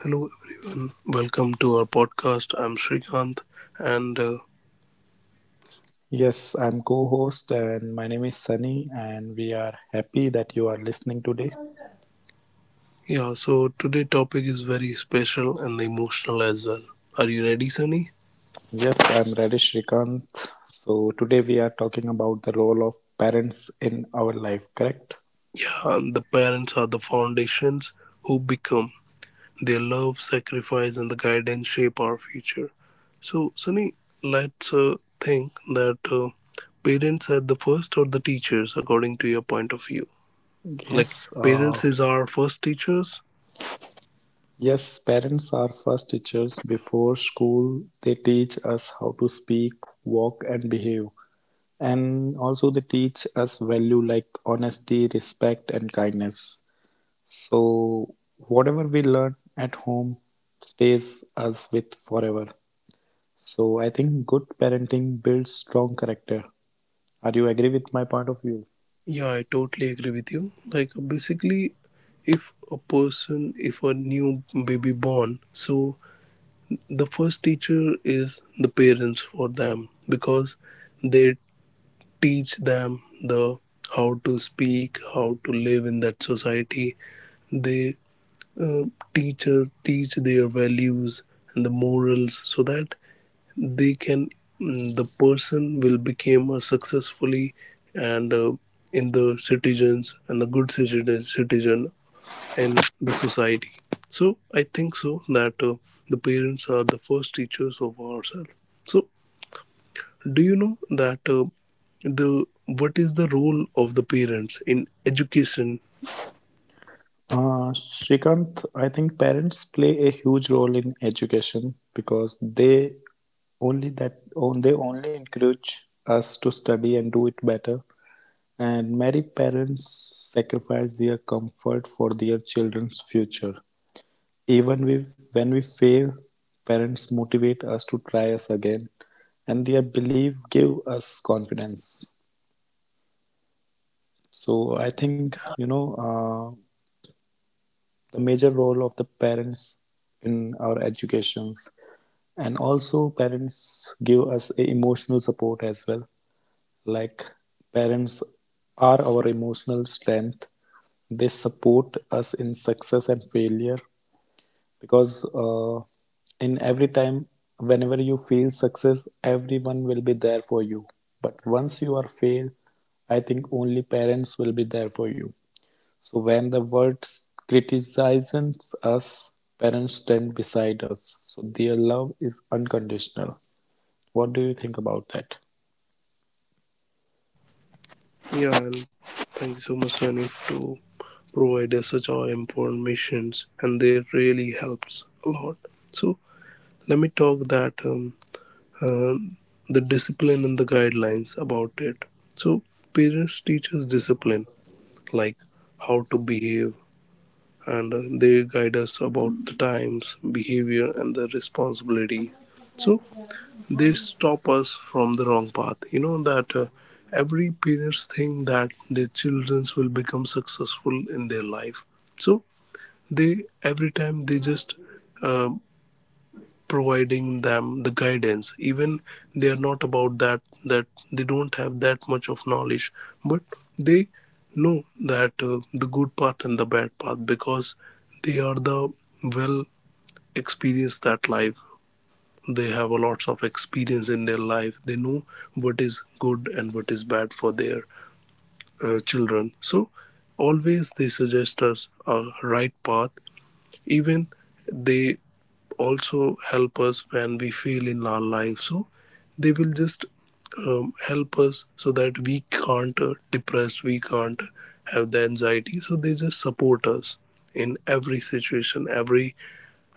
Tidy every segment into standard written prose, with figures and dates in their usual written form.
Hello everyone, welcome to our podcast. I'm Srikanth, and Yes, I'm co host, and my name is Sunny, and we are happy that you are listening today. yeah, so today topic is very special and emotional as well. Are you ready, Sunny? Yes, I'm Radish Rikant. So, today we are talking about the role of parents in our life, correct? The parents are the foundations who become. Their love, sacrifice, and the guidance shape our future. So, Sunny, let's think that parents are the first or the teachers, according to your point of view. Like Yes, parents is uh, our first teachers. yes, parents are first teachers before school. They teach us how to speak, walk, and behave. And also, they teach us value like honesty, respect, and kindness. So, whatever we learn at home stays us with forever. So, I think good parenting builds strong character. Are you agree with my point of view? Yeah, I totally agree with you. Like basically, if a person, if a new baby born, so the first teacher is the parents for them because they teach them the how to speak, how to live in that society. They uh, teach us, teach their values and the morals so that they can the person will become a successfully and in the citizens and a good citizen in the society. So I think so that the parents are the first teachers of ourselves. So do you know that the what is the role of the parents in education? Shrikant, I think parents play a huge role in education because they only that on they only encourage us to study and do it better. And many parents sacrifice their comfort for their children's future. Even we, when we fail, parents motivate us to try us again, and their belief give us confidence. So I think you know the major role of the parents in our educations, and also parents give us a emotional support as well. Like parents are our emotional strength. They support us in success and failure because in every time whenever you feel success everyone will be there for you, but once you are failed, I think only parents will be there for you. So when the world criticizes us, parents stand beside us, so their love is unconditional. What do you think about that? Yeah, and thank you so much Sanif, to provide us such informations and they really helps a lot. So let me talk that uh, the discipline and the guidelines about it. So parents teach us discipline, like how to behave, and they guide us about the times, behavior, and the responsibility. So they stop us from the wrong path. You know that every parents think that their children will become successful in their life. So they every time they just uh, providing them the guidance, even they are not about that that they don't have that much of knowledge, but they know that the good path and the bad path, because they are the well experienced that life. They have a lots of experience in their life, they know what is good and what is bad for their children. So always they suggest us a right path, even they also help us when we fail in our life. So they will just help us so that we can't depress, we can't have the anxiety. So they just support us in every situation, every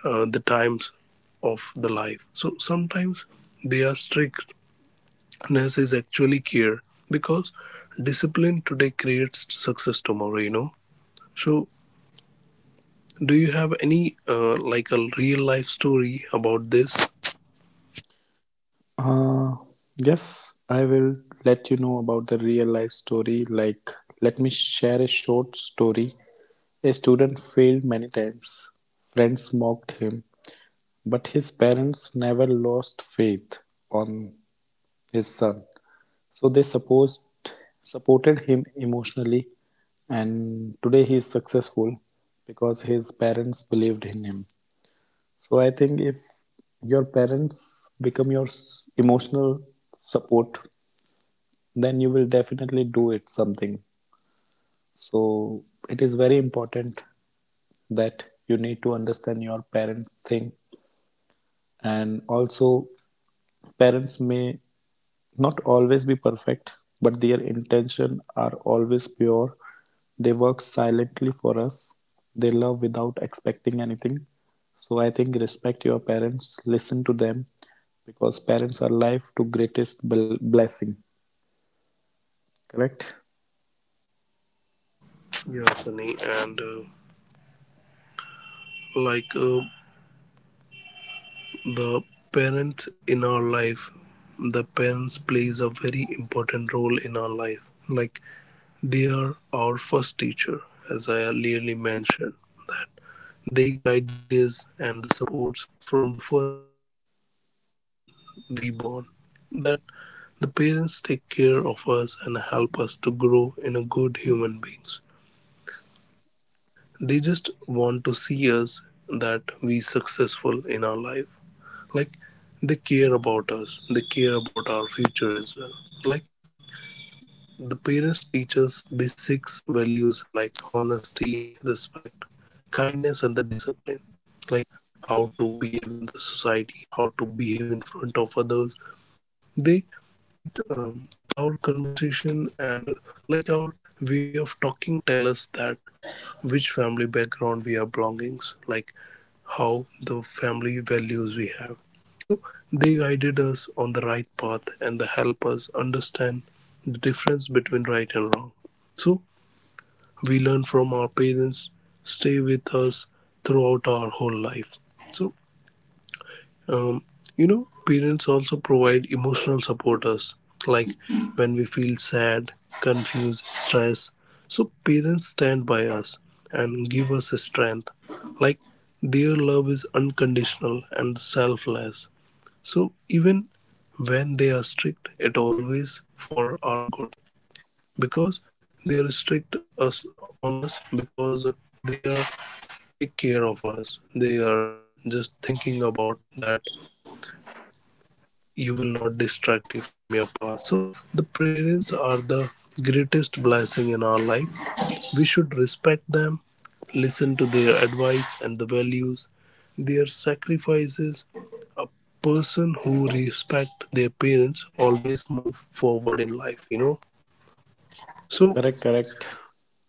the times of the life. So sometimes their strictness is actually care, because discipline today creates success tomorrow, you know. So do you have any like a real life story about this? Uh, yes, I will let you know about the real life story. Like, let me share a short story. A student failed many times. Friends mocked him, but his parents never lost faith on his son. So they supposed supported him emotionally, and today he is successful because his parents believed in him. So I think if your parents become your emotional support, then you will definitely do it something. So it is very important that you need to understand your parents' thing. And also, parents may not always be perfect, but their intention are always pure. They work silently for us. They love without expecting anything. So I think respect your parents, listen to them, because parents are life to greatest blessing, correct. Yeah, Sunny, and like uh, the parents in our life, the parents plays a very important role in our life. Like they are our first teacher, as I earlierly mentioned that they guide us and the supports from the first day of where then we born. That the parents take care of us and help us to grow in a good human beings. They just want to see us that we successful in our life. Like they care about us. They care about our future as well. Like the parents teach us basics values like honesty, respect, kindness and the discipline. Like how to behave in the society, how to behave in front of others. They it our conversation and like our way of talking tell us that which family background we are belongings, like how the family values we have. So they guided us on the right path and they help us understand the difference between right and wrong. So we learn from our parents stay with us throughout our whole life. So um, you know parents also provide emotional supporters, like when we feel sad, confused, stressed, so parents stand by us and give us strength. Like their love is unconditional and selfless. So even when they are strict, it always for our good, because they are strict us on us because they are take care of us, they are just thinking about that uh, you will not distract you from your path. So the parents are the greatest blessing in our life. We should respect them, listen to their advice and the values, their sacrifices. Person who respect their parents always move forward in life, you know. So Correct.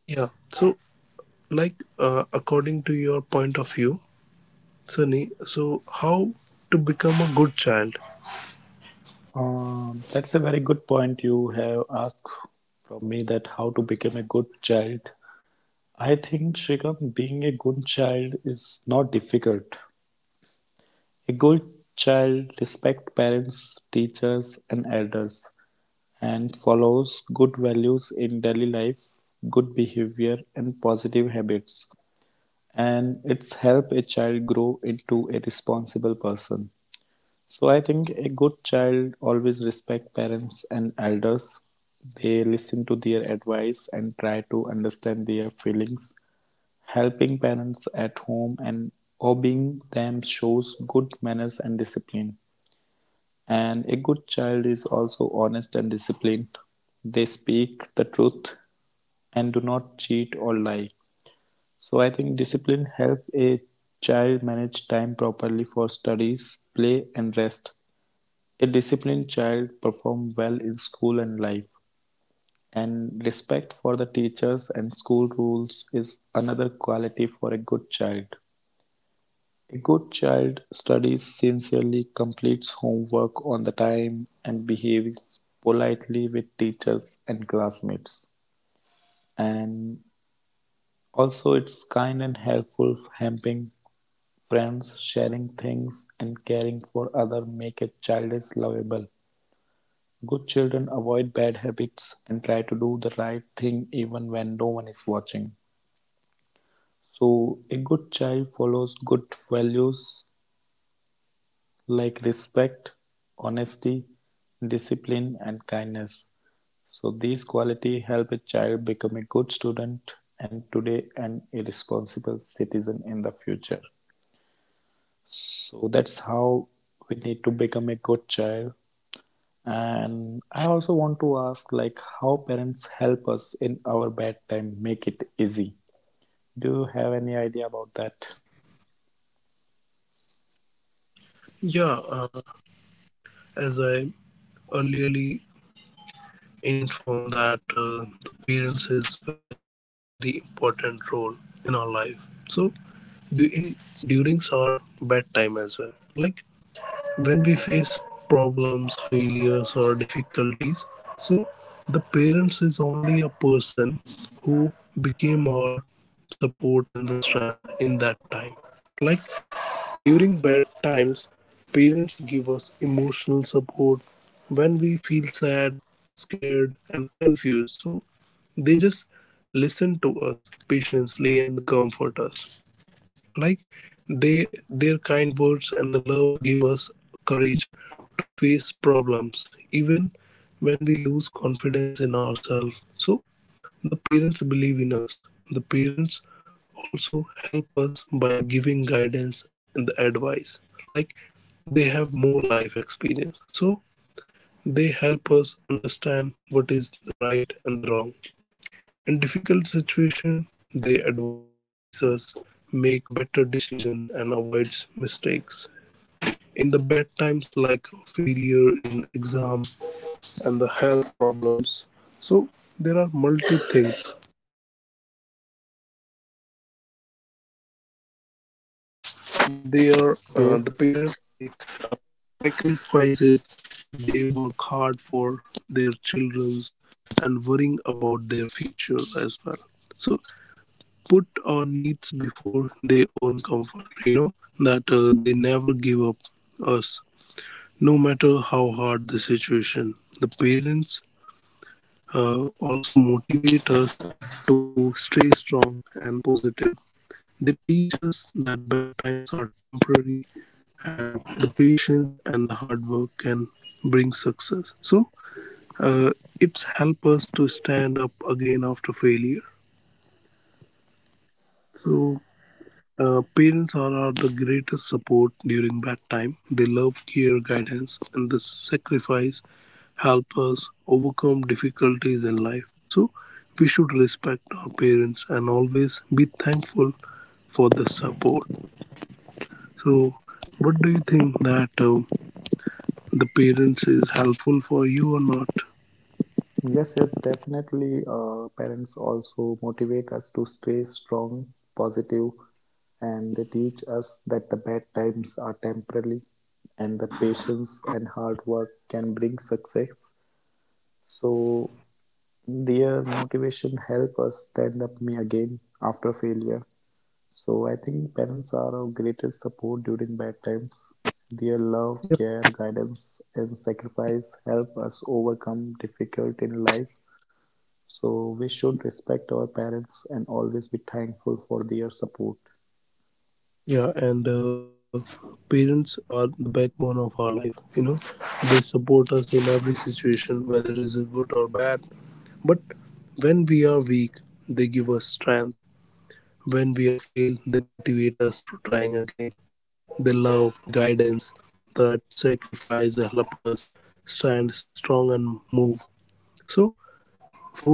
yeah, so according to your point of view, Sunny, so how to become a good child? Um, that's a very good point you have asked from me, that how to become a good child. I think Shrikant, being a good child is not difficult. A good child respect parents, teachers and elders, and follows good values in daily life, good behavior, and positive habits. And it's help a child grow into a responsible person. So I think a good child always respect parents and elders. They listen to their advice and try to understand their feelings. Helping parents at home and obeying them shows good manners and discipline. And a good child is also honest and disciplined. They speak the truth and do not cheat or lie. So I think discipline helps a child manage time properly for studies, play, and rest. A disciplined child performs well in school and life. And respect for the teachers and school rules is another quality for a good child. A good child studies sincerely, completes homework on the time, and behaves politely with teachers and classmates. And also, it's kind and helpful, helping friends, sharing things, and caring for others make a childish lovable. Good children avoid bad habits and try to do the right thing even when no one is watching. So, a good child follows good values like respect, honesty, discipline, and kindness. So, these qualities help a child become a good student and today an irresponsible citizen in the future. So, that's how we Yes, need to become a good child. And I also want to ask, like, how parents help us in our bad time, make it easy. Do you have any idea about that? yeah. As I earlierly informed that the parents is very important role in our life. So in, during our bedtime as well, like when we face problems, failures or difficulties, so the parents is only a person who became our support and the strength in that time. Like during bad times, parents give us emotional support when we feel sad, scared and confused. So they just listen to us patiently and they comfort us. Like they their kind words and the love give us courage to face problems, even when we lose confidence in ourselves. So the parents believe in us. The parents also help us by giving guidance and the advice. Like they have more life experience, so they help us understand what is the right and the wrong. In difficult situation, they advise us make better decision and avoids mistakes. In the bad times like failure in exam and the health problems, so there are multi things, like they are Okay. The parents make uh, sacrifices. They work hard for their children and worrying about their future as well. So put our needs before their own comfort, you know, that they never give up us, no matter how hard the situation. The parents uh, also motivate us to stay strong and positive. They teach us that bad times are temporary and the patience and the hard work can bring success. So uh, it's help us to stand up again after failure. So parents are our the greatest support during bad time. They love, care, guidance, and the sacrifice help us overcome difficulties in life. So we should respect our parents and always be thankful for the support. So, what do you think that the parents is helpful for you or not? Yes, yes, definitely. Parents also motivate us to stay strong, positive, and they teach us that the bad times are temporary and the patience and hard work can bring success. So their motivation help us stand up me again after failure. So I think parents are our greatest support during bad times. Their love, Yeah. care, guidance, and sacrifice help us overcome difficult in life. So we should respect our parents and always be thankful for their support. Yeah, and parents are the backbone of our life. You know, they support us in every situation, whether it is good or bad. But when we are weak, they give us strength. When we are fail, they motivate us to trying again. The love, the guidance, that sacrifice help us stand strong and move. So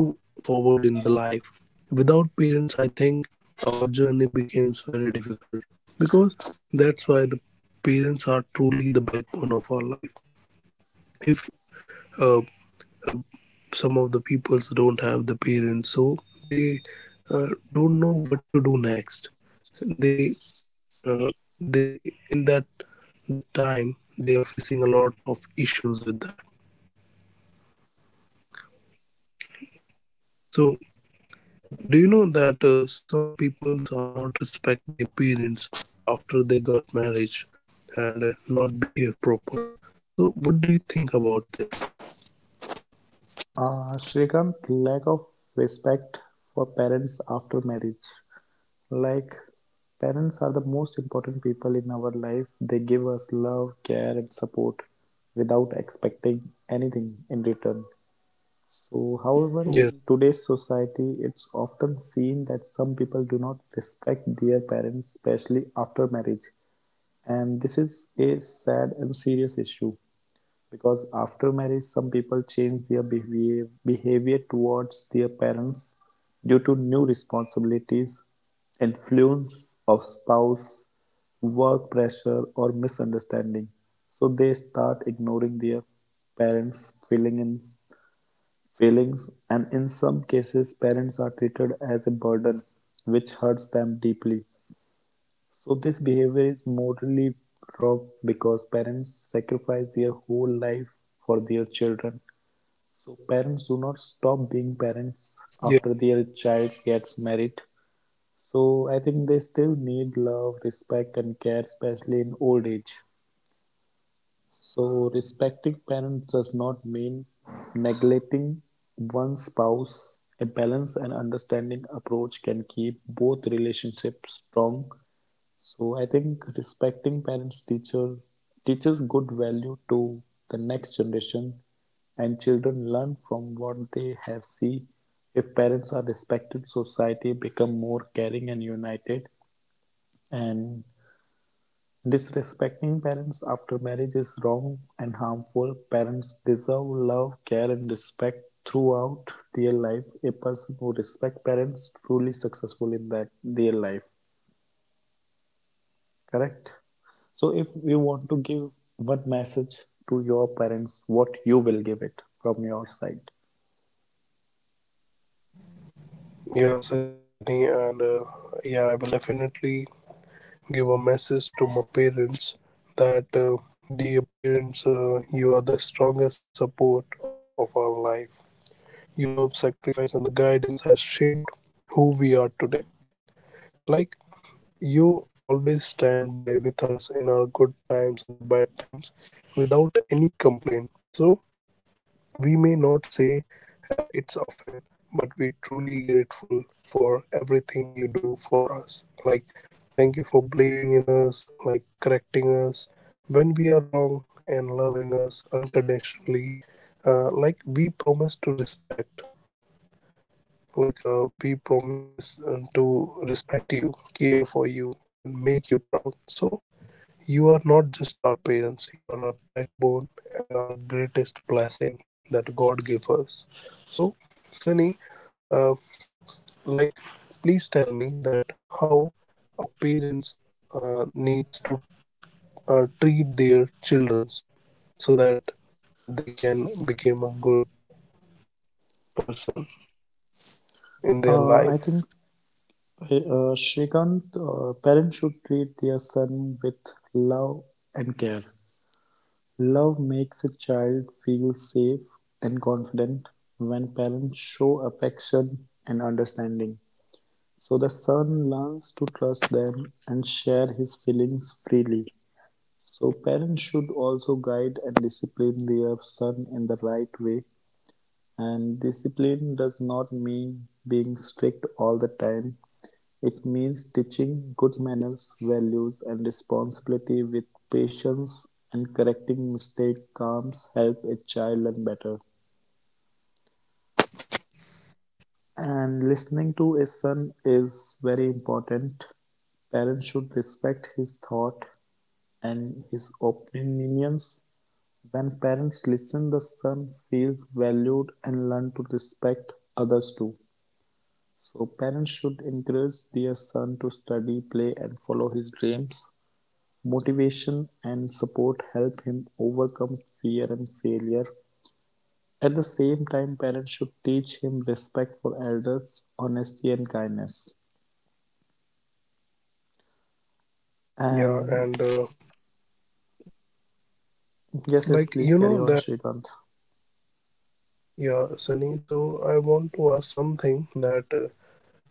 move forward in the life. Without parents, I think our journey becomes very difficult, because that's why the parents are truly the backbone of our life. If uh, uh, some of the peoples don't have the parents, so they don't know what to do next. They uh, they in that the time they are facing a lot of issues with that. So do you know that some peoples are not respect their parents after they got marriage and not behave proper? So what do you think about this? Shrikant, lack of respect for parents after marriage. Like, parents are the most important people in our life. They give us love, care, and support without expecting anything in return. So, however, Yes, in today's society, it's often seen that some people do not respect their parents, especially after marriage. And this is a sad and serious issue because after marriage, some people change their behavior, towards their parents due to new responsibilities, influence of spouse, work pressure, or misunderstanding. So they start ignoring their parents' feelings, and in some cases, parents are treated as a burden, which hurts them deeply. So, this behavior is morally wrong because parents sacrifice their whole life for their children. So, parents do not stop being parents yes, after their child gets married. So, I think they still need love, respect, and care, especially in old age. So, respecting parents does not mean neglecting one spouse. A balanced and understanding approach can keep both relationships strong. So, I think respecting parents teacher teaches good value to the next generation, and children learn from what they have seen. If parents are respected, society become more caring and united. And disrespecting parents after marriage is wrong and harmful. Parents deserve love, care, and respect throughout their life. A person who respects parents is truly successful in that their life. Correct. So, if you want to give one message to your parents, what you will give it from your side? yeah, Sunny, and yeah, I will definitely give a message to my parents that dear parents, you are the strongest support of our life. Your love, sacrifice, and the guidance has shaped who we are today. Like you always stand by with us in our good times and the bad times without any complaint. So, we may not say it's often, but we truly grateful for everything you do for us. Like, thank you for believing in us, like correcting us when we are wrong and loving us unconditionally. Like, we promise to respect, we promise to respect you, care for you, and make you proud. So, you are not just our parents, you are our backbone and our greatest blessing that God gave us. So, Sunny, uh, like, please tell me that how a parents needs to treat their children so that they can become a good person in their I think life. Shrikant, parents should treat their son with love and care. Love makes a child feel safe and confident when parents show affection and understanding. So the son learns to trust them and share his feelings freely. So parents should also guide and discipline their son in the right way. And discipline does not mean being strict all the time. It means teaching good manners, values, and responsibility with patience, and correcting mistake calms help a child learn better. And listening to a son is very important. Parents should respect his thought and his opinions. When parents listen, the son feels valued and learn to respect others too. So parents should encourage their son to study, play, and follow his dreams. Motivation and support help him overcome fear and failure. At the same time, parents should teach him respect for elders, honesty, and kindness. Yeah, And and yes, yes, like you please know carry on, that Shrikant. yeah, Sunny. So I want to ask something that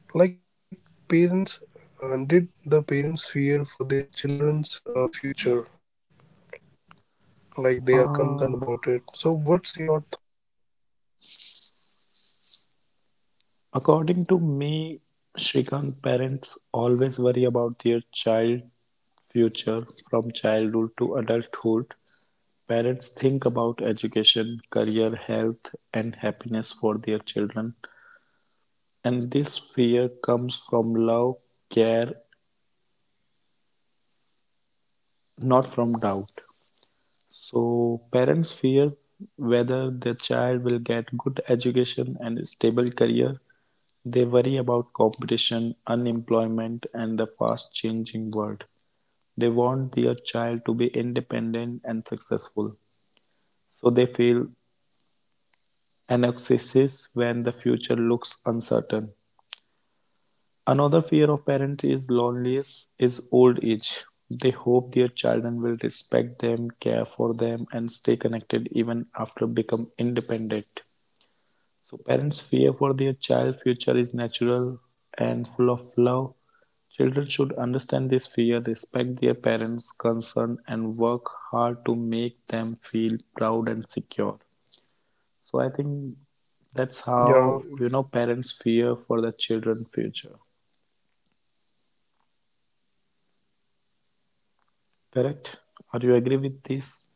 like parents, did the parents fear for their children's future? Like they are concerned Uh, about it. So, what's your th-? according to me, Shrikant, parents always worry about their child future from childhood to adulthood. Parents think about education, career, health, and happiness for their children. And this fear comes from love, care, not from doubt. So parents fear whether their child will get good education and a stable career. They worry about competition, unemployment, and the fast changing world. They want their child to be independent and successful, so they feel anxieties when the future looks uncertain. Another fear of parents is loneliness is old age. They hope their children will respect them, care for them, and stay connected even after become independent. So parents' fear for their child future is natural and full of love. Children should understand this fear, respect their parents' concern, and work hard to make them feel proud and secure. So I think that's Yeah. how you know parents fear for their children's future. Yeah? The Correct? parents are Are very you agree with concerned about. this?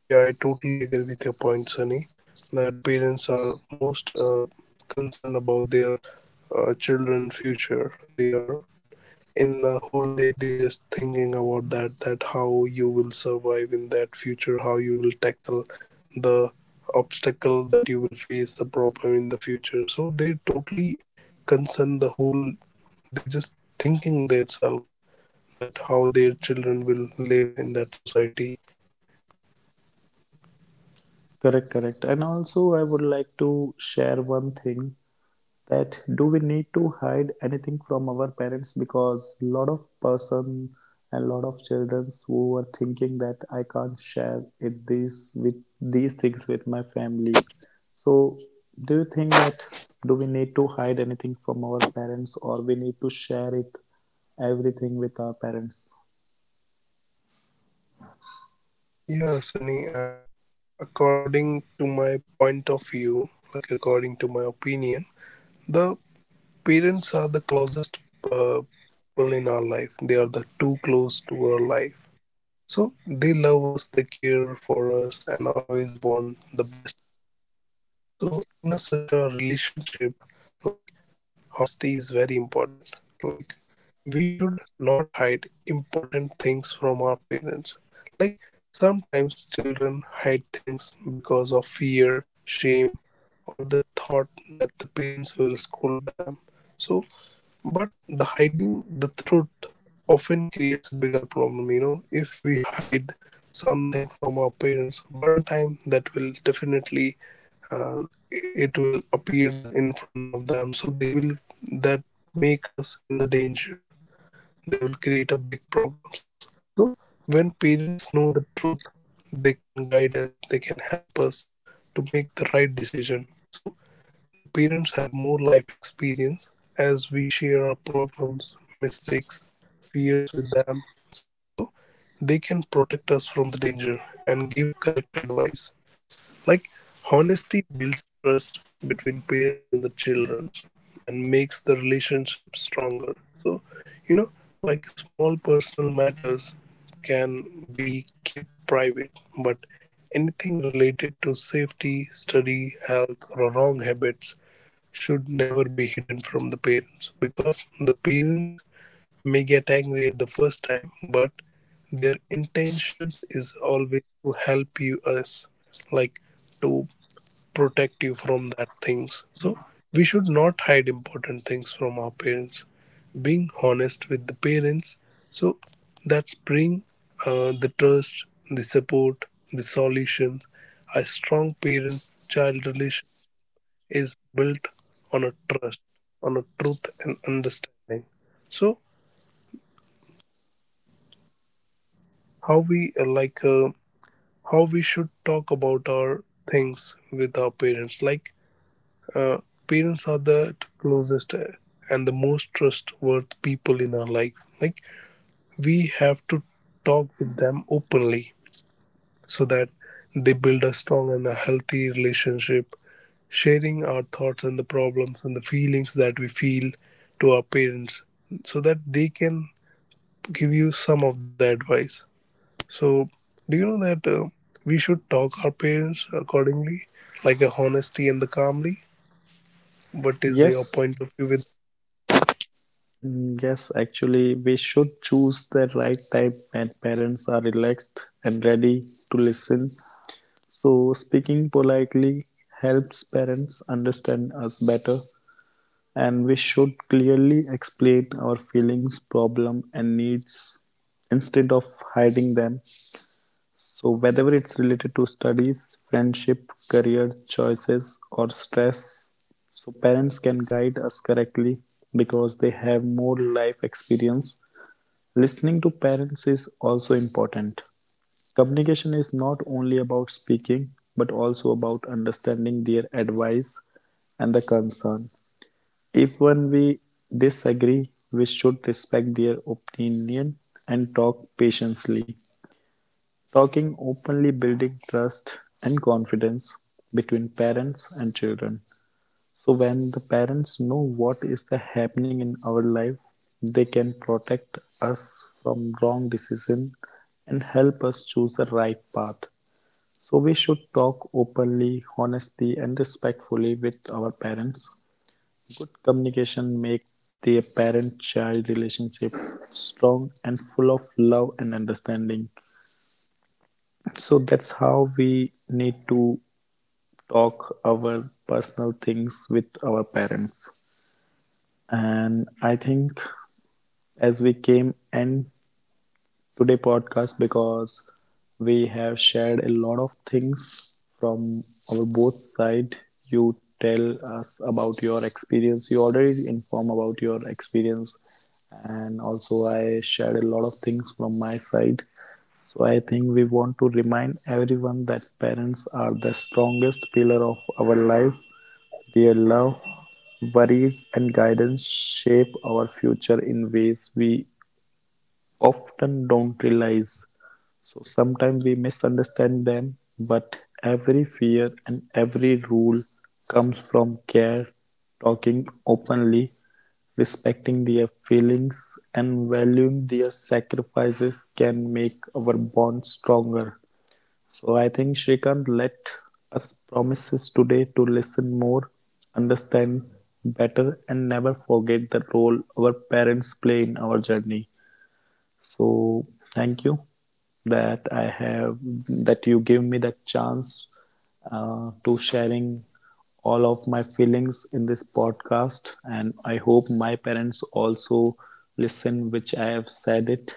Yeah, I totally agree with your point, Sunny. That parents are most concerned about their children future. They are in the whole day they just thinking about that that how you will survive in that future, how you will tackle the obstacle, that you will face the problem in the future. So they totally concern the whole, they just thinking themselves that how their children will live in that society. Correct, correct. And also, I would like to share one thing, that do we need to hide anything from our parents, because a lot of person and lot of children who are thinking that I can't share it these with these things with my family. So, do you think that do we need to hide anything from our parents, or we need to share it everything with our parents? Yeah, Sunny, according to my point of view, like according to my opinion, the parents are the closest uh, people in our life. They are the too close to our life. So they love us, they care for us, and always want the best. So in a, such a relationship, like honesty is very important. Like we should not hide important things from our parents. Like sometimes children hide things because of fear, shame, or the thought that the parents will scold them. So but the hiding the truth often creates a bigger problem, if we hide something from our parents one time, that will definitely uh, it will appears in front of them, so they will that make us in the danger, they will create a big problems. So when parents know the truth, they can guide us, they can help us to make the right decision. So the parents have more life experience. As we share our problems, mistakes, fears with them, so they can protect us from the danger and give correct advice. Like honesty builds trust between parents and the children and makes the relationship stronger. So, you know, like small personal matters can be kept private, but anything related to safety, study, health, or wrong habits should never be hidden from the parents, because the parents may get angry at the first time, but their intentions is always to help you us, like to protect you from that things. So we should not hide important things from our parents. Being honest with the parents, so that's bring the trust, the support, the solutions. A strong parent child relation is built on a trust, on a truth and understanding. So how we how we should talk about our things with our parents. Like uh, parents are the closest and the most trustworthy people in our life. Like we have to talk with them openly, so that they build a strong and a healthy relationship, sharing our thoughts and the problems and the feelings that we feel to our parents, so that they can give you some of the advice. So, do you know that we should talk our parents accordingly, like a honesty and the calmly? What is your point Yes, of view with? mm, yes, actually, we should choose the right time when parents are relaxed and ready to listen. So, speaking politely helps parents understand us better, and we should clearly explain our feelings, problem, and needs instead of hiding them. So, whether it's related to studies, friendship, career choices, or stress, so parents can guide us correctly because they have more life experience. Listening to parents is also important. Communication is not only about speaking but also about understanding their advice and the concern. If when we disagree, we should respect their opinion and talk patiently. Talking openly building trust and confidence between parents and children. So when the parents know what is the happening in our life, they can protect us from wrong decision and help us choose the right path. So we should talk openly, honestly and respectfully with our parents. Good communication makes the parent-child relationship strong and full of love and understanding. So that's how we need to talk our personal things with our parents. And I think as we came end today podcast because we have shared a lot of things from our both side. You tell us about your experience. You already inform about your experience, and also I shared a lot of things from my side. So I think we want to remind everyone that parents are the strongest pillar of our life. Their love, worries, and guidance shape our future in ways we often don't realize, so sometimes we misunderstand them, but every fear and every rule comes from care. Talking openly, respecting their feelings, and valuing their sacrifices can make our bond stronger. So I think Shrikant, let us promises today to listen more, understand better, and never forget the role our parents play in our journey. So thank you that I have, that you give me that chance to sharing all of my feelings in this podcast, and I hope my parents also listen which I have said it,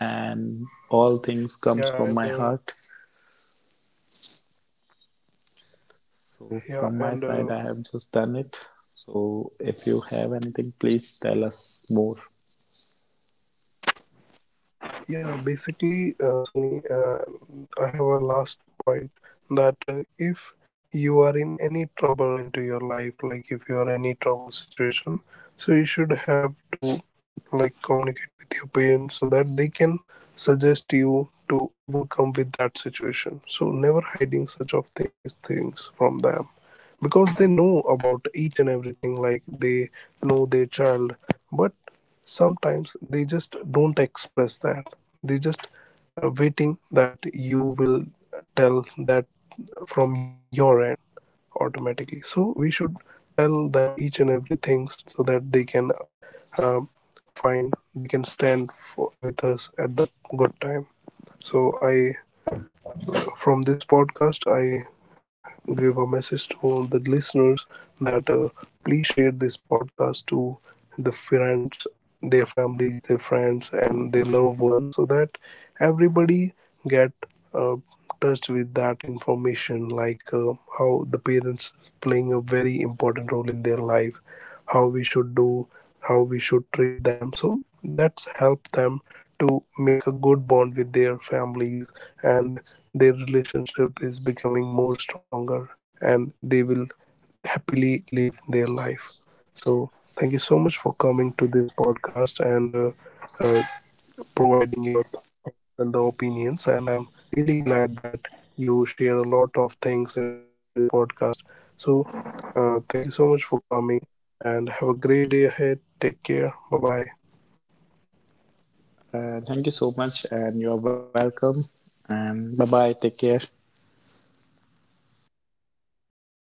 and all things comes from Yeah, my and heart. So from my yeah, side and I have just done it. So if you have anything please tell us more. yeah, basically, Sunny, I have a last point that if you are in any trouble into your life, like if you are any trouble situation, so you should have to like communicate with your parents so that they can suggest you to overcome with that situation. So never hiding such of these things from them, because they know about each and everything, like they know their child. But sometimes they just don't express that, they just waiting that you will tell that from your end automatically. So we should tell them each and everything so that they can uh, find they can stand for, with us at the good time. So I from this podcast, I give a message to all the listeners that please share this podcast to the friends, their families, their friends, and their loved ones, so that everybody get uh, touched with that information, like how the parents playing a very important role in their life, how we should do, how we should treat them, so that's helped them to make a good bond with their families, and their relationship is becoming more stronger, and they will happily live their life. So thank you so much for coming to this podcast and uh, providing your thoughts and the opinions. And I'm really glad that you share a lot of things in this podcast. So, thank you so much for coming and have a great day ahead. Take care. Bye bye. Uh, thank you so much and you are welcome, and bye bye, take care.